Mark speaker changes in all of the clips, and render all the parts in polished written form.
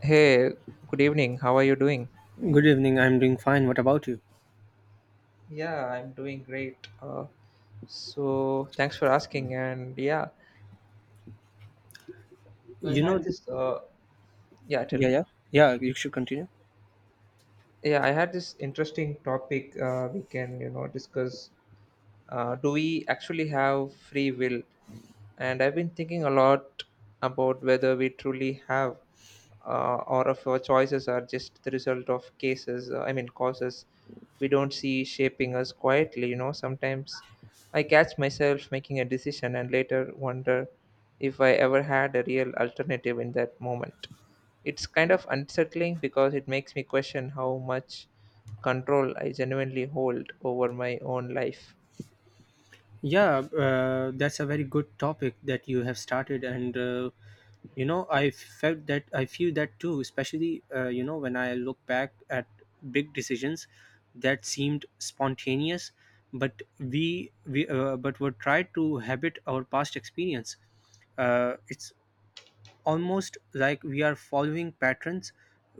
Speaker 1: Hey, good evening. How are you doing?
Speaker 2: Good evening. I'm doing fine. What about you?
Speaker 1: Yeah, I'm doing great. So thanks for asking. And yeah, so I
Speaker 2: You
Speaker 1: had
Speaker 2: know,
Speaker 1: this. Yeah, tell
Speaker 2: yeah,
Speaker 1: me.
Speaker 2: yeah, yeah. You should continue.
Speaker 1: Yeah, I had this interesting topic. We can discuss. Do we actually have free will? And I've been thinking a lot about whether we truly have. Or of our choices are just the result of cases I mean causes we don't see shaping us quietly. Sometimes I catch myself making a decision and later wonder if I ever had a real alternative in that moment. It's kind of unsettling because it makes me question how much control I genuinely hold over my own life.
Speaker 2: Yeah, that's a very good topic that you have started, and I felt that I feel that too. Especially, when I look back at big decisions that seemed spontaneous, but we but were tried to habit our past experience. It's almost like we are following patterns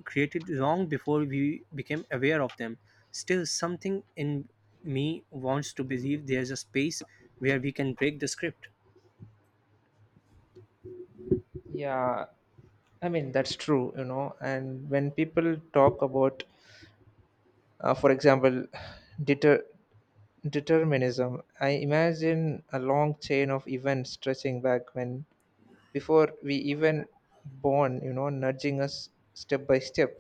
Speaker 2: created long before we became aware of them. Still, something in me wants to believe there's a space where we can break the script.
Speaker 1: Yeah, I mean that's true, and when people talk about, for example, deter determinism. I imagine a long chain of events stretching back when before we even born, nudging us step by step.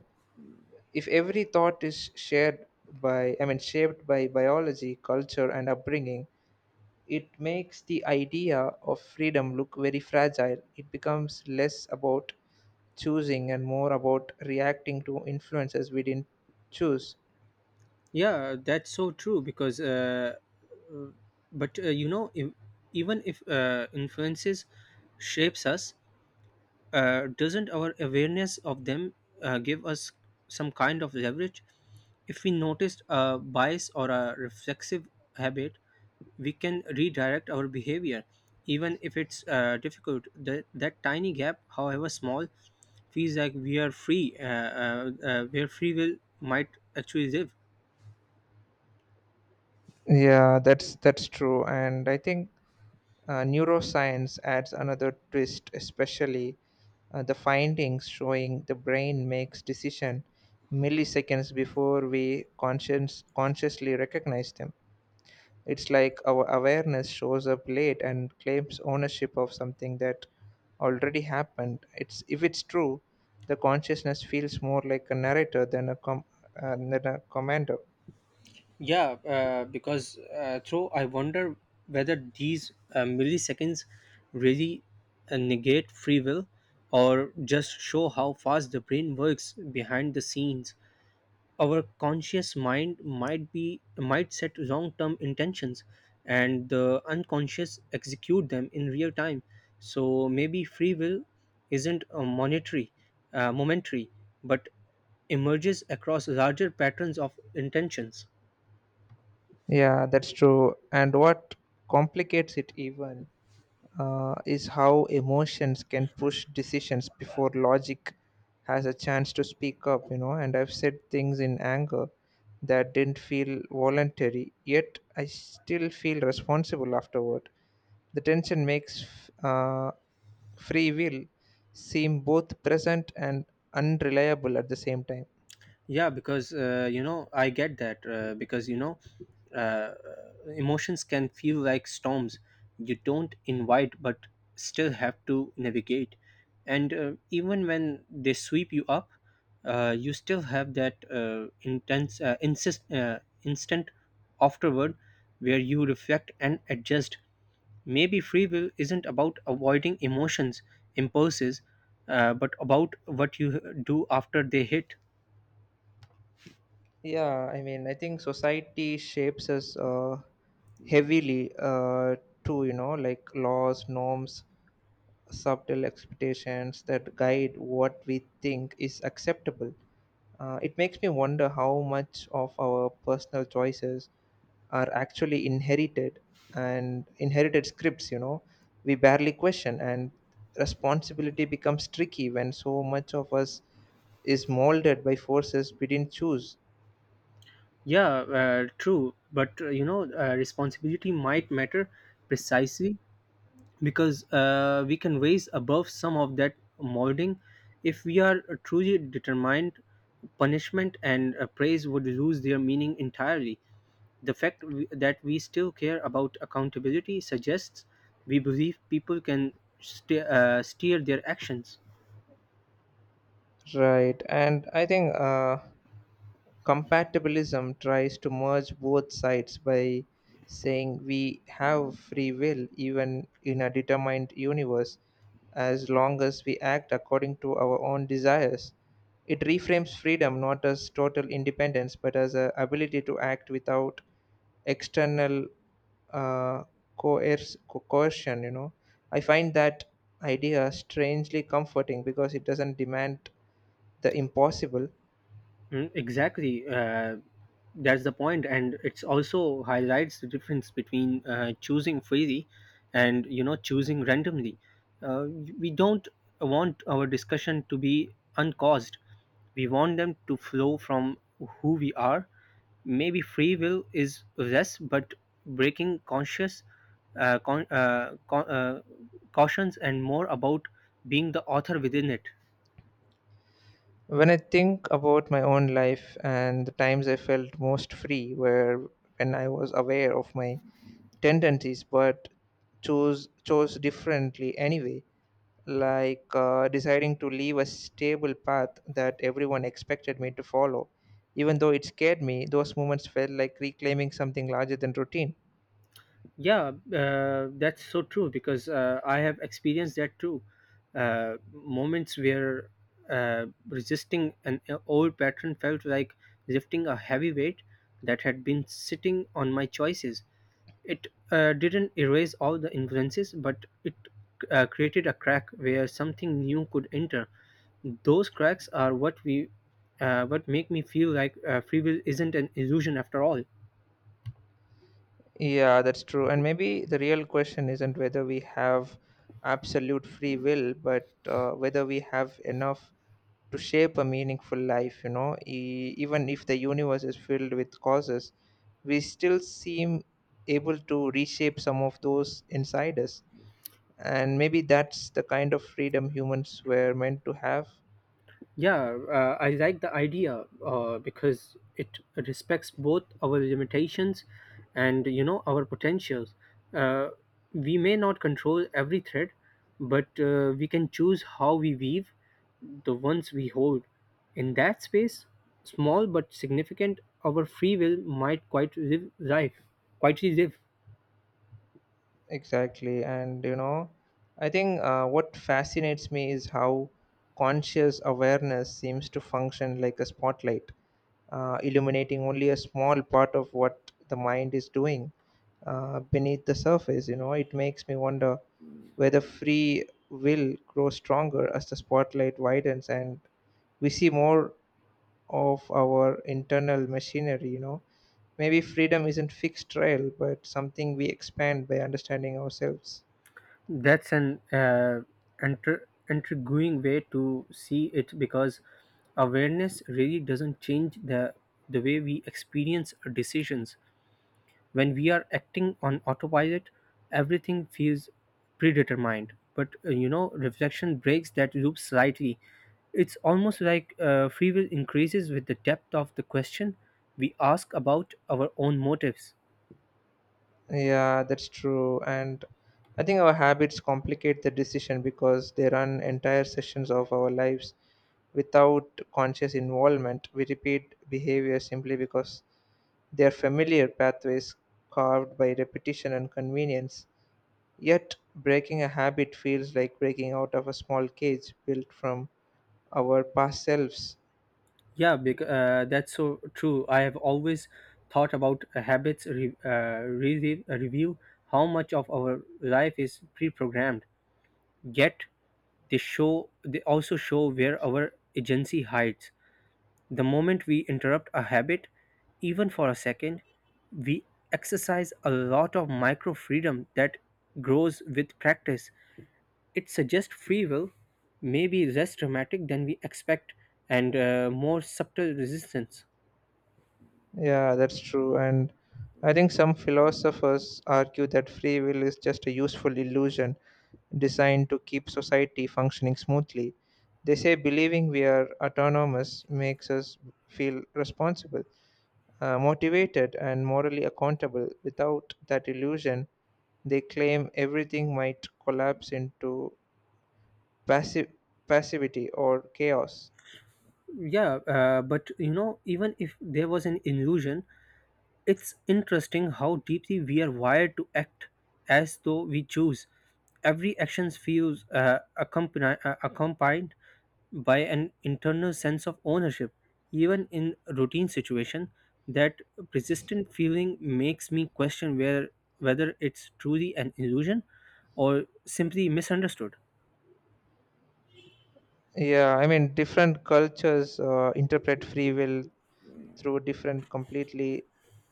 Speaker 1: If every thought is I mean, shaped by biology, culture, and upbringing, it makes the idea of freedom look very fragile. It becomes less about choosing and more about reacting to influences we didn't choose.
Speaker 2: Yeah, that's so true because, uh, if, even if influences shapes us, doesn't our awareness of them give us some kind of leverage. If we notice a bias or a reflexive habit, we can redirect our behavior even if it's difficult. That tiny gap, however small, feels like we are free, where free will might actually live.
Speaker 1: Yeah, that's true, and I think neuroscience adds another twist, especially, the findings showing the brain makes decision milliseconds before we conscience consciously recognize them. It's like our awareness shows up late and claims ownership of something that already happened. It's If it's true, the consciousness feels more like a narrator than a commander.
Speaker 2: Yeah, because through I wonder whether these milliseconds really negate free will or just show how fast the brain works behind the scenes. Our conscious mind might set long-term intentions, and the unconscious execute them in real time. So maybe free will isn't a momentary, but emerges across larger patterns of intentions.
Speaker 1: Yeah, that's true. And what complicates it even, is how emotions can push decisions before logic has a chance to speak up. And I've said things in anger that didn't feel voluntary, yet I still feel responsible afterward. The tension makes, uh, free will seem both present and unreliable at the same time.
Speaker 2: Yeah, because you know, I get that because you know uh, uh, emotions can feel like storms you don't invite but still have to navigate. And even when they sweep you up, you still have that instant afterward where you reflect and adjust. Maybe free will isn't about avoiding emotions, impulses, but about what you do after they hit.
Speaker 1: Yeah, I mean I think society shapes us, heavily, too, like laws, norms, subtle expectations that guide what we think is acceptable. It makes me wonder how much of our personal choices are actually inherited scripts, we barely question, and responsibility becomes tricky when so much of us is molded by forces we didn't choose.
Speaker 2: Yeah, true. But responsibility might matter precisely because we can raise above some of that molding. If we are truly determined, punishment and praise would lose their meaning entirely. The fact that we still care about accountability suggests we believe people can steer their actions.
Speaker 1: Right, and I think. Compatibilism tries to merge both sides by saying we have free will even in a determined universe as long as we act according to our own desires. It reframes freedom not as total independence but as a ability to act without external, uh, coercion. I find that idea strangely comforting because it doesn't demand the impossible.
Speaker 2: Mm, exactly. That's the point, and it's also highlights the difference between choosing freely and choosing randomly. Uh, we don't want our discussion to be uncaused. We want them to flow from who we are. Maybe free will is less, but breaking conscious, uh, con- uh, con- uh, cautions, and more about being the author within it.
Speaker 1: When I think about my own life and the times I felt most free were when I was aware of my tendencies but chose differently anyway, like, deciding to leave a stable path that everyone expected me to follow. Even though it scared me, those moments felt like reclaiming something larger than routine.
Speaker 2: Yeah, that's so true because I have experienced that too. Moments where resisting an old pattern felt like lifting a heavy weight that had been sitting on my choices. It didn't erase all the influences, but it created a crack where something new could enter. Those cracks are what make me feel like free will isn't an illusion after all.
Speaker 1: Yeah, that's true. And maybe the real question isn't whether we have absolute free will, but, whether we have enough to shape a meaningful life, you know, even if the universe is filled with causes, we still seem able to reshape some of those inside us. And maybe that's the kind of freedom humans were meant to have.
Speaker 2: Yeah, I like the idea because it respects both our limitations and our potentials. Uh, we may not control every thread, but we can choose how we weave the ones we hold. In that space, small but significant, our free will might quietly live.
Speaker 1: Exactly. And you know, I think, what fascinates me is how conscious awareness seems to function like a spotlight, illuminating only a small part of what the mind is doing, beneath the surface. You know, it makes me wonder whether free will grows stronger as the spotlight widens and we see more of our internal machinery. Maybe freedom isn't fixed trail but something we expand by understanding ourselves.
Speaker 2: That's an intriguing way to see it because awareness really doesn't change the way we experience decisions. When we are acting on autopilot, everything feels predetermined. But reflection breaks that loop slightly. It's almost like free will increases with the depth of the question we ask about our own motives.
Speaker 1: Yeah, that's true, and I think our habits complicate the decision because they run entire sessions of our lives without conscious involvement. We repeat behavior simply because they are familiar pathways carved by repetition and convenience, yet breaking a habit feels like breaking out of a small cage built from our past selves.
Speaker 2: Yeah, because that's so true. I have always thought about habits, review. How much of our life is pre-programmed? Yet they also show where our agency hides. The moment we interrupt a habit, even for a second, we exercise a lot of micro freedom that grows with practice. It suggests free will may be less dramatic than we expect and more subtle resistance.
Speaker 1: Yeah, that's true. And I think some philosophers argue that free will is just a useful illusion designed to keep society functioning smoothly. They say believing we are autonomous makes us feel responsible, motivated, and morally accountable. Without that illusion, they claim everything might collapse into passive passivity or chaos.
Speaker 2: Yeah, but you know, even if there was an illusion, it's interesting how deeply we are wired to act as though we choose. Every action feels accompanied by an internal sense of ownership. Even in routine situation, that persistent feeling makes me question where whether it's truly an illusion or simply misunderstood.
Speaker 1: Yeah, I mean, different cultures, interpret free will through different completely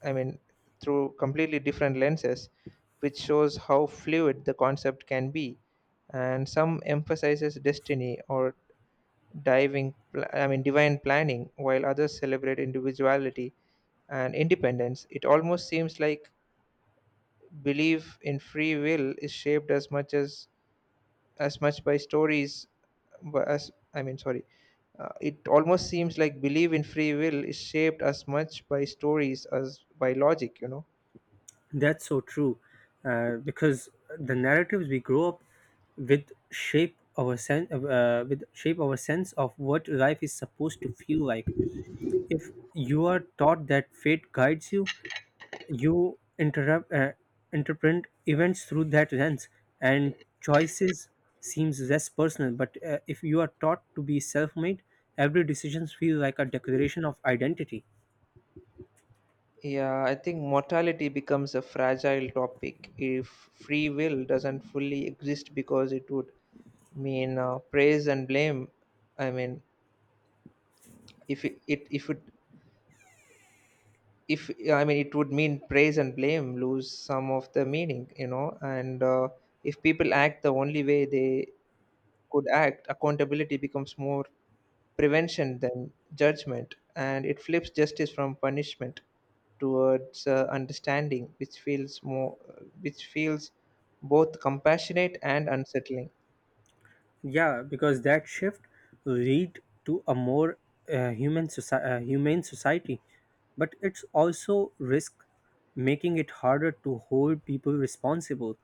Speaker 1: I mean through completely different lenses, which shows how fluid the concept can be. And some emphasizes destiny or I mean, divine planning, while others celebrate individuality and independence. It almost seems like belief in free will is shaped as much by stories, but as I mean sorry it almost seems like belief in free will is shaped as much by stories as by logic. you know
Speaker 2: That's so true, because the narratives we grow up with shape our sense of what life is supposed to feel like. If you are taught that fate guides you, you interrupt interpret events through that lens, and choices seems less personal. But if you are taught to be self-made, every decision feels like a declaration of identity.
Speaker 1: yeah I think mortality becomes a fragile topic if free will doesn't fully exist because it would mean, praise and blame I mean if it, it if I mean it would mean praise and blame lose some of the meaning. You know and uh, if people act the only way they could act, accountability becomes more prevention than judgment, and it flips justice from punishment towards, understanding, which feels both compassionate and unsettling.
Speaker 2: Yeah, because that shift lead to a more humane society, but it's also risk making it harder to hold people responsible.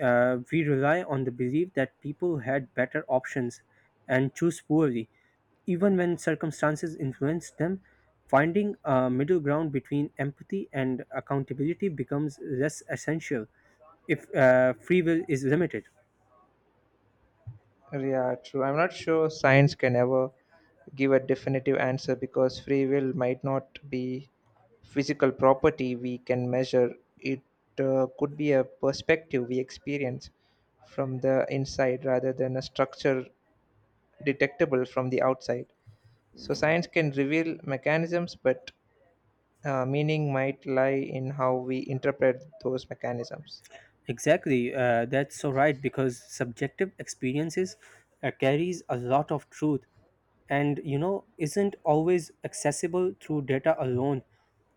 Speaker 2: We rely on the belief that people had better options and choose poorly, even when circumstances influence them. Finding a middle ground between empathy and accountability becomes less essential if free will is limited.
Speaker 1: Yeah, true. I'm not sure science can ever give a definitive answer because free will might not be physical property we can measure. It, could be a perspective we experience from the inside rather than a structure detectable from the outside. So science can reveal mechanisms, but, meaning might lie in how we interpret those mechanisms.
Speaker 2: Exactly, that's so right because subjective experiences carries a lot of truth and isn't always accessible through data alone.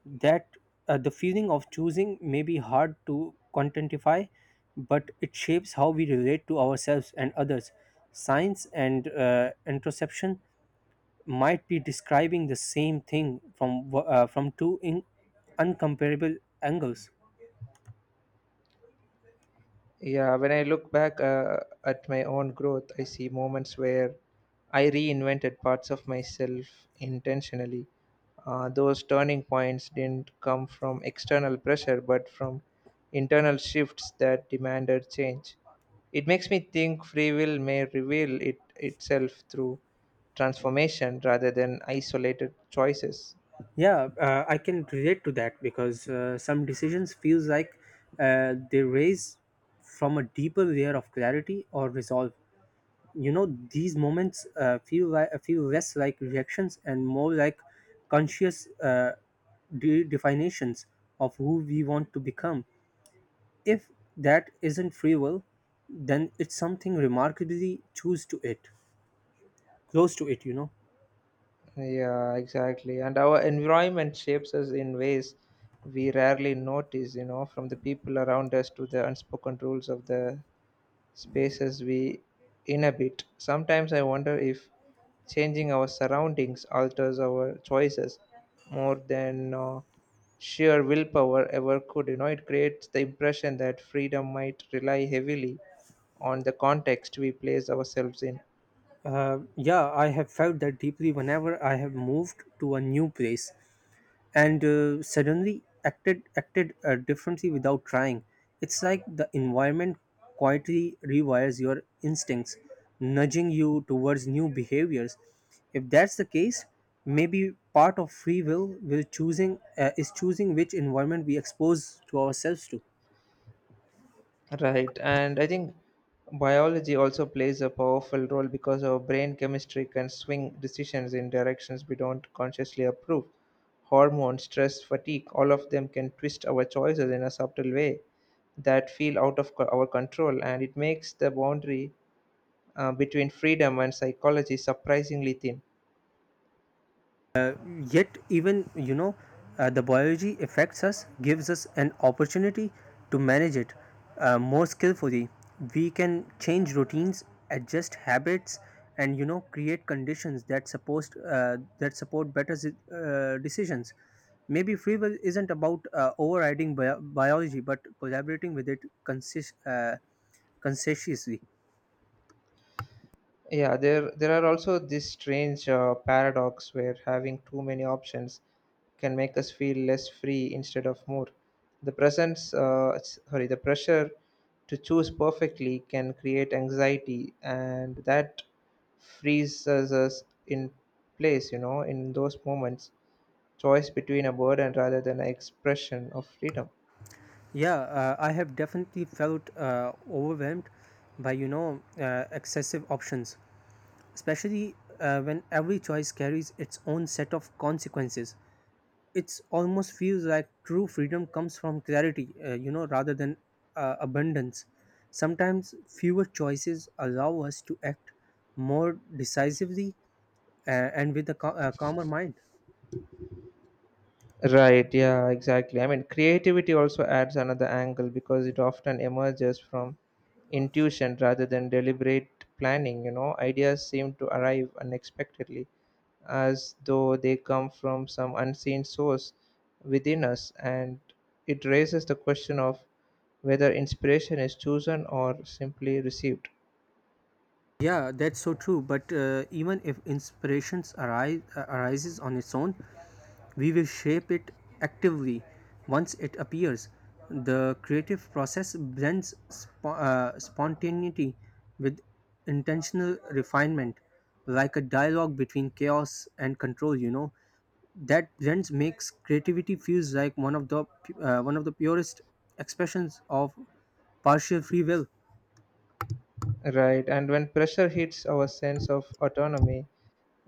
Speaker 2: That The feeling of choosing may be hard to quantify, but it shapes how we relate to ourselves and others. Science and introspection might be describing the same thing from two uncomparable angles.
Speaker 1: Yeah, when I look back, at my own growth, I see moments where I reinvented parts of myself intentionally. Those turning points didn't come from external pressure, but from internal shifts that demanded change. It makes me think free will may reveal it itself through transformation rather than isolated choices.
Speaker 2: Yeah, I can relate to that because some decisions feels like they raise from a deeper layer of clarity or resolve. You know, these moments feel less like reactions and more like conscious, definitions of who we want to become. If that isn't free will, then it's something remarkably choose to it close to it, you know.
Speaker 1: Yeah, exactly. And our environment shapes us in ways we rarely notice, you know, from the people around us to the unspoken rules of the spaces we inhabit. Sometimes I wonder if changing our surroundings alters our choices more than, sheer willpower ever could. You know, it creates the impression that freedom might rely heavily on the context we place ourselves in.
Speaker 2: Yeah, I have felt that deeply whenever I have moved to a new place and suddenly acted differently without trying. It's like the environment quietly rewires your instincts, nudging you towards new behaviors. If that's the case, maybe part of free will choosing is choosing which environment we expose to ourselves to.
Speaker 1: Right, and I think biology also plays a powerful role because our brain chemistry can swing decisions in directions we don't consciously approve. Hormones, stress, fatigue, all of them can twist our choices in a subtle way that feel out of our control, and it makes the boundary, between freedom and psychology surprisingly thin.
Speaker 2: Yet even the biology affects us gives us an opportunity to manage it more skillfully. We can change routines, adjust habits, and create conditions that support better, decisions. Maybe free will isn't about overriding biology but collaborating with it consist conscientiously.
Speaker 1: Yeah, there are also this strange, paradox where having too many options can make us feel less free instead of more. The presence, s- sorry, the pressure to choose perfectly can create anxiety, and that freezes us in place. You know, in those moments, choice between a burden rather than an expression of freedom.
Speaker 2: Yeah, I have definitely felt overwhelmed by excessive options, especially when every choice carries its own set of consequences. It almost feels like true freedom comes from clarity, rather than abundance. Sometimes fewer choices allow us to act more decisively, and with a calmer mind.
Speaker 1: Right, yeah, exactly. I mean, creativity also adds another angle because it often emerges from intuition rather than deliberate planning. You know, ideas seem to arrive unexpectedly as though they come from some unseen source within us, and it raises the question of whether inspiration is chosen or simply received.
Speaker 2: Yeah, that's so true. But even if inspirations arises on its own, we will shape it actively once it appears. The creative process blends spontaneity with intentional refinement, like a dialogue between chaos and control. That blend makes creativity feels like one of the purest expressions of partial free will.
Speaker 1: Right, and when pressure hits our sense of autonomy,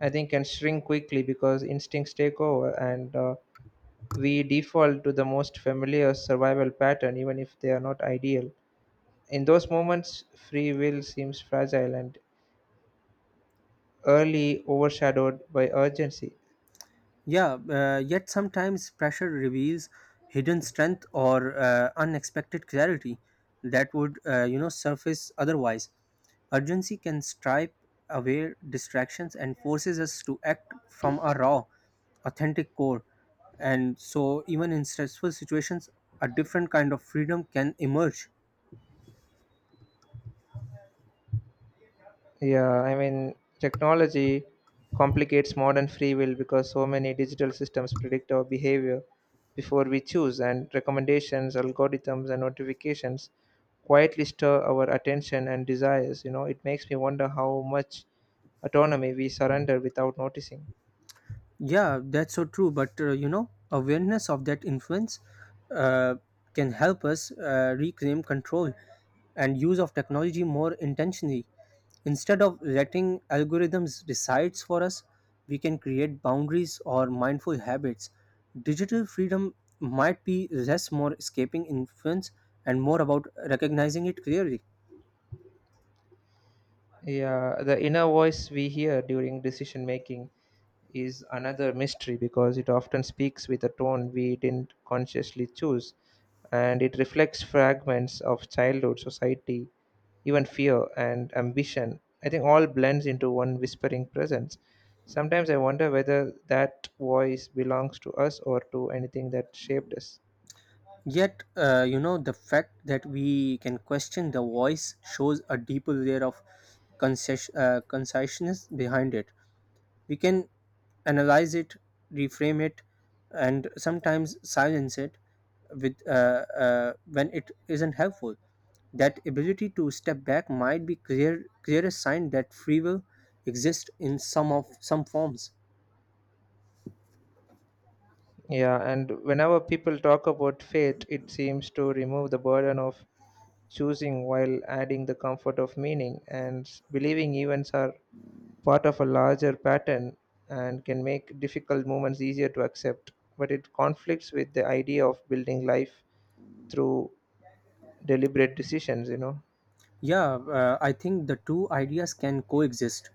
Speaker 1: I think can shrink quickly because instincts take over and, we default to the most familiar survival pattern, even if they are not ideal. In those moments, free will seems fragile and early overshadowed by urgency.
Speaker 2: Yeah, yet sometimes pressure reveals hidden strength or unexpected clarity that would, surface otherwise. Urgency can stripe away distractions and forces us to act from a raw, authentic core. And so, even in stressful situations, a different kind of freedom can emerge.
Speaker 1: Yeah, I mean, technology complicates modern free will because so many digital systems predict our behavior before we choose, and recommendations, algorithms, and notifications quietly stir our attention and desires. You know, it makes me wonder how much autonomy we surrender without noticing.
Speaker 2: Yeah, that's so true. But awareness of that influence uh, can help us reclaim control and use of technology more intentionally. Instead of letting algorithms decide for us, we can create boundaries or mindful habits. Digital freedom might be less more escaping influence and more about recognizing it clearly.
Speaker 1: Yeah, the inner voice we hear during decision making is another mystery because it often speaks with a tone we didn't consciously choose, and it reflects fragments of childhood, society, even fear and ambition. I think all blends into one whispering presence. Sometimes I wonder whether that voice belongs to us or to anything that shaped us.
Speaker 2: Yet, the fact that we can question the voice shows a deeper layer of conciseness behind it. We can analyze it, reframe it, and sometimes silence it with when it isn't helpful. That ability to step back might be clearest sign that free will exists in some forms.
Speaker 1: Yeah, and whenever people talk about fate, it seems to remove the burden of choosing while adding the comfort of meaning, and believing events are part of a larger pattern and can make difficult moments easier to accept, but it conflicts with the idea of building life through deliberate decisions. you know
Speaker 2: Yeah, I think the two ideas can coexist.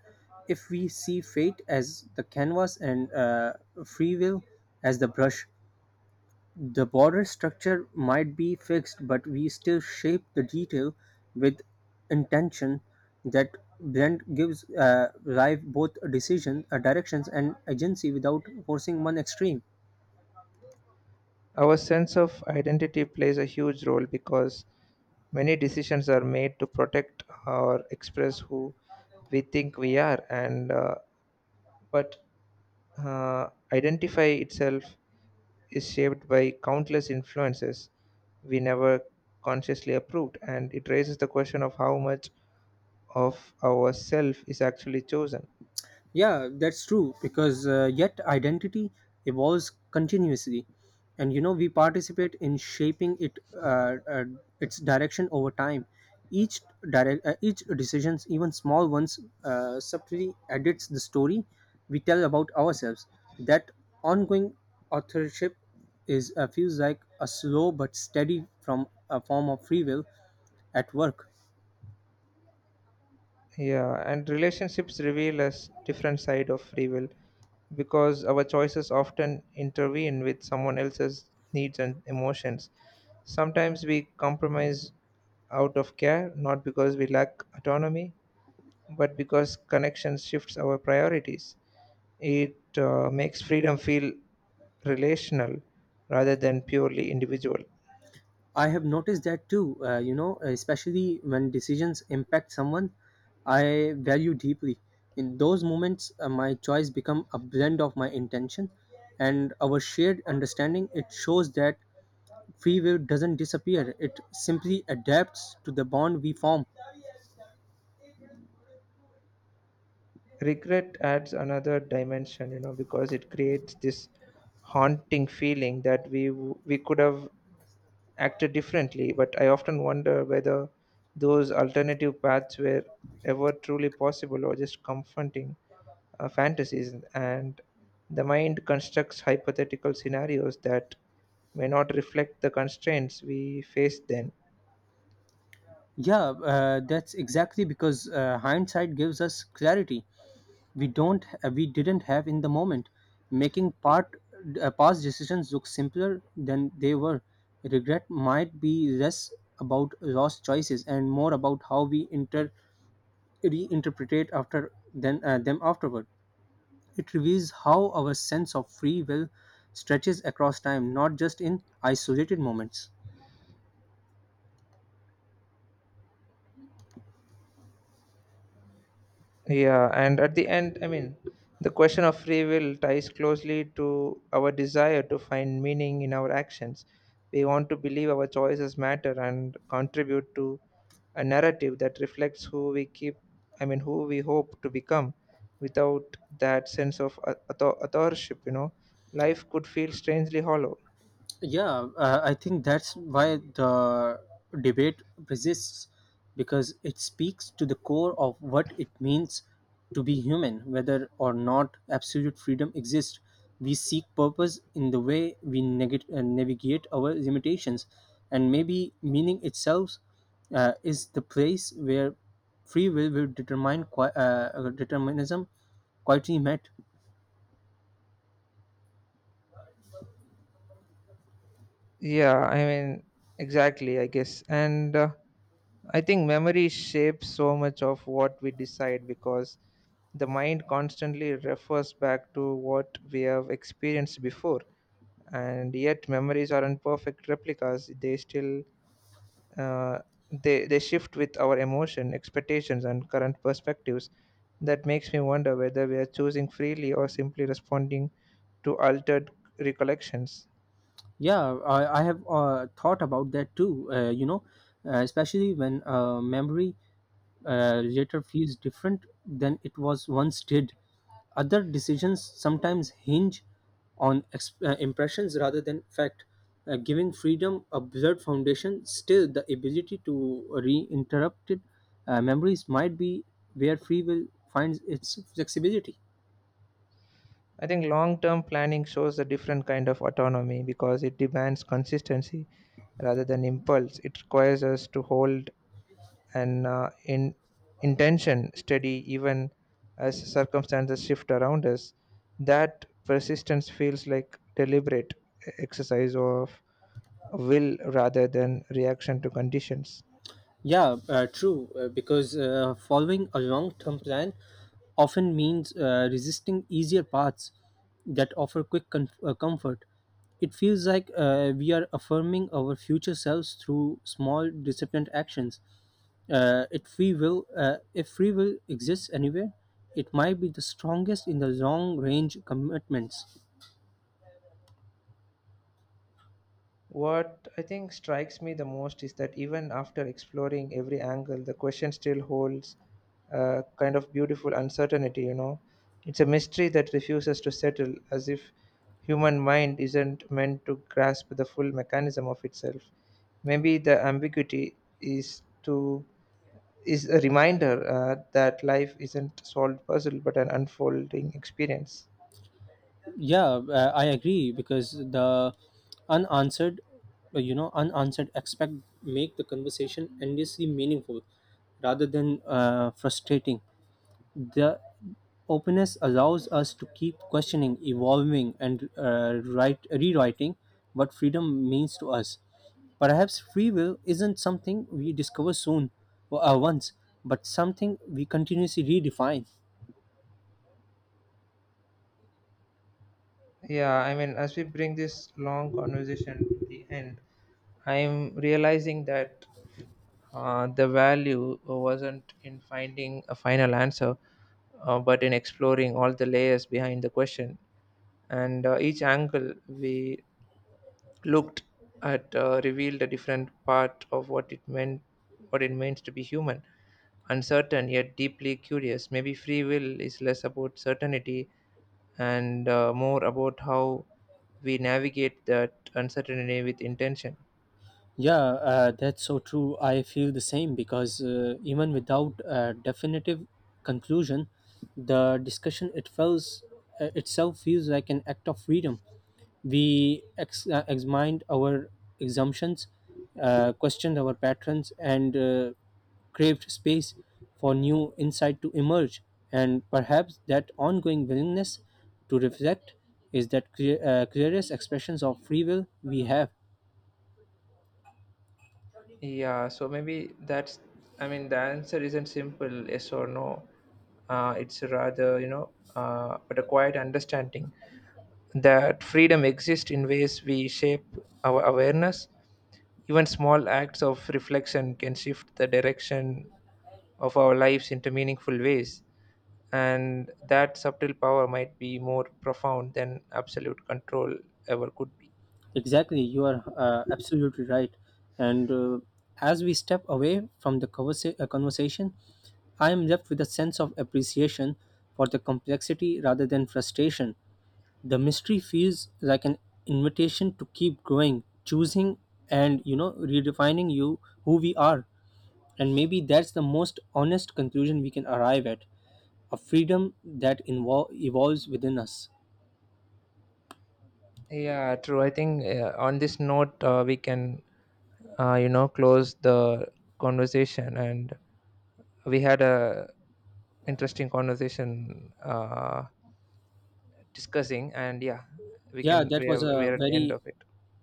Speaker 2: If we see fate as the canvas and free will as the brush, the border structure might be fixed, but we still shape the detail with intention. That blend gives life both directions, and agency without forcing one extreme.
Speaker 1: our sense of identity plays a huge role because many decisions are made to protect or express who we think we are, and but uh, identify itself is shaped by countless influences we never consciously approved, and it raises the question of how much of ourself is actually chosen.
Speaker 2: Yeah, that's true because yet identity evolves continuously, and we participate in shaping it its direction over time. Each each decisions, even small ones, subtly edits the story we tell about ourselves. That ongoing authorship is feels like a slow but steady from a form of free will at work.
Speaker 1: Yeah, and relationships reveal us different side of free will because our choices often intervene with someone else's needs and emotions. Sometimes we compromise out of care, not because we lack autonomy, but because connection shifts our priorities. It makes freedom feel relational rather than purely individual.
Speaker 2: I have noticed that too, especially when decisions impact someone I value deeply. In those moments, my choice become a blend of my intention and our shared understanding. It shows that free will doesn't disappear, it simply adapts to the bond we form.
Speaker 1: Regret adds another dimension, you know, because it creates this haunting feeling that we could have acted differently. But I often wonder whether those alternative paths were ever truly possible or just confronting fantasies. And the mind constructs hypothetical scenarios that may not reflect the constraints we face then.
Speaker 2: Yeah, that's exactly because hindsight gives us clarity. We didn't have in the moment, making part past decisions look simpler than they were. Regret might be less about lost choices and more about how we inter reinterpretate after then them afterward. It reveals how our sense of free will stretches across time, not just in isolated moments.
Speaker 1: Yeah, and at the end, I mean, the question of free will ties closely to our desire to find meaning in our actions. We want to believe our choices matter and contribute to a narrative that reflects who we keep, I mean, who we hope to become. Without that sense of authorship, you know, life could feel strangely hollow.
Speaker 2: Yeah, I think that's why the debate persists because it speaks to the core of what it means to be human. Whether or not absolute freedom exists, we seek purpose in the way we navigate our limitations, and maybe meaning itself is the place where free will determinism quietly met.
Speaker 1: Yeah, I mean, exactly, I guess. And I think memory shapes so much of what we decide because the mind constantly refers back to what we have experienced before, and yet memories aren't perfect replicas. They still uh, they, they shift with our emotion expectations and current perspectives. That makes me wonder whether we are choosing freely or simply responding to altered recollections.
Speaker 2: Yeah, I have thought about that too. Especially when memory later feels different than it was once did. Other decisions sometimes hinge on impressions rather than fact. Giving freedom a blurred foundation, still the ability to reinterrupt it, memories might be where free will finds its flexibility.
Speaker 1: I think long term planning shows a different kind of autonomy because it demands consistency rather than impulse. It requires us to hold an uh, in, intention steady even as circumstances shift around us. That persistence feels like deliberate exercise of will rather than reaction to conditions.
Speaker 2: Yeah, true. Because following a long term plan often means resisting easier paths that offer quick, comfort. It feels like we are affirming our future selves through small, disciplined actions. If free will exists anywhere, it might be the strongest in the long range commitments.
Speaker 1: What I think strikes me the most is that even after exploring every angle, the question still holds a kind of beautiful uncertainty, you know. It's a mystery that refuses to settle, as if human mind isn't meant to grasp the full mechanism of itself. Maybe the ambiguity is to is a reminder that life isn't a solved puzzle but an unfolding experience.
Speaker 2: Yeah, I agree because the unanswered you know unanswered expect make the conversation endlessly meaningful rather than frustrating. The openness allows us to keep questioning, evolving, and write rewriting what freedom means to us. Perhaps free will isn't something we discover soon or once, but something we continuously redefine.
Speaker 1: Yeah, I mean, as we bring this long conversation to the end, I'm realizing that the value wasn't in finding a final answer, but in exploring all the layers behind the question. And each angle we looked at revealed a different part of what it means to be human, uncertain yet deeply curious. Maybe free will is less about certainty and more about how we navigate that uncertainty with intention.
Speaker 2: Yeah, that's so true. I feel the same because even without a definitive conclusion, the discussion itself feels like an act of freedom. We examined our assumptions, questioned our patterns, and craved space for new insight to emerge. And perhaps that ongoing willingness to reflect is that clearest expressions of free will we have.
Speaker 1: Yeah, so maybe that's, I mean, the answer isn't simple, yes or no. It's rather, you know, but a quiet understanding that freedom exists in ways we shape our awareness. Even small acts of reflection can shift the direction of our lives into meaningful ways. And that subtle power might be more profound than absolute control ever could be.
Speaker 2: Exactly, you are absolutely right. And as we step away from the conversation, I am left with a sense of appreciation for the complexity rather than frustration. The mystery feels like an invitation to keep growing, choosing, and redefining you who we are. And maybe that's the most honest conclusion we can arrive at, a freedom that evolves within us.
Speaker 1: Yeah, true. I think on this note, we can you know close the conversation, and we had a interesting conversation discussing, and yeah, we
Speaker 2: Yeah,
Speaker 1: can
Speaker 2: that
Speaker 1: we
Speaker 2: was
Speaker 1: are we
Speaker 2: a
Speaker 1: are at the end
Speaker 2: very,
Speaker 1: of it.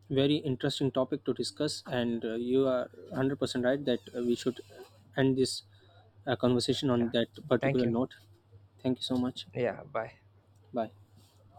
Speaker 2: very interesting topic to discuss, and you are 100% right that we should end this conversation on
Speaker 1: Yeah,
Speaker 2: that
Speaker 1: thank
Speaker 2: particular
Speaker 1: you.
Speaker 2: note. Thank you so much.
Speaker 1: Yeah, bye.
Speaker 2: Bye.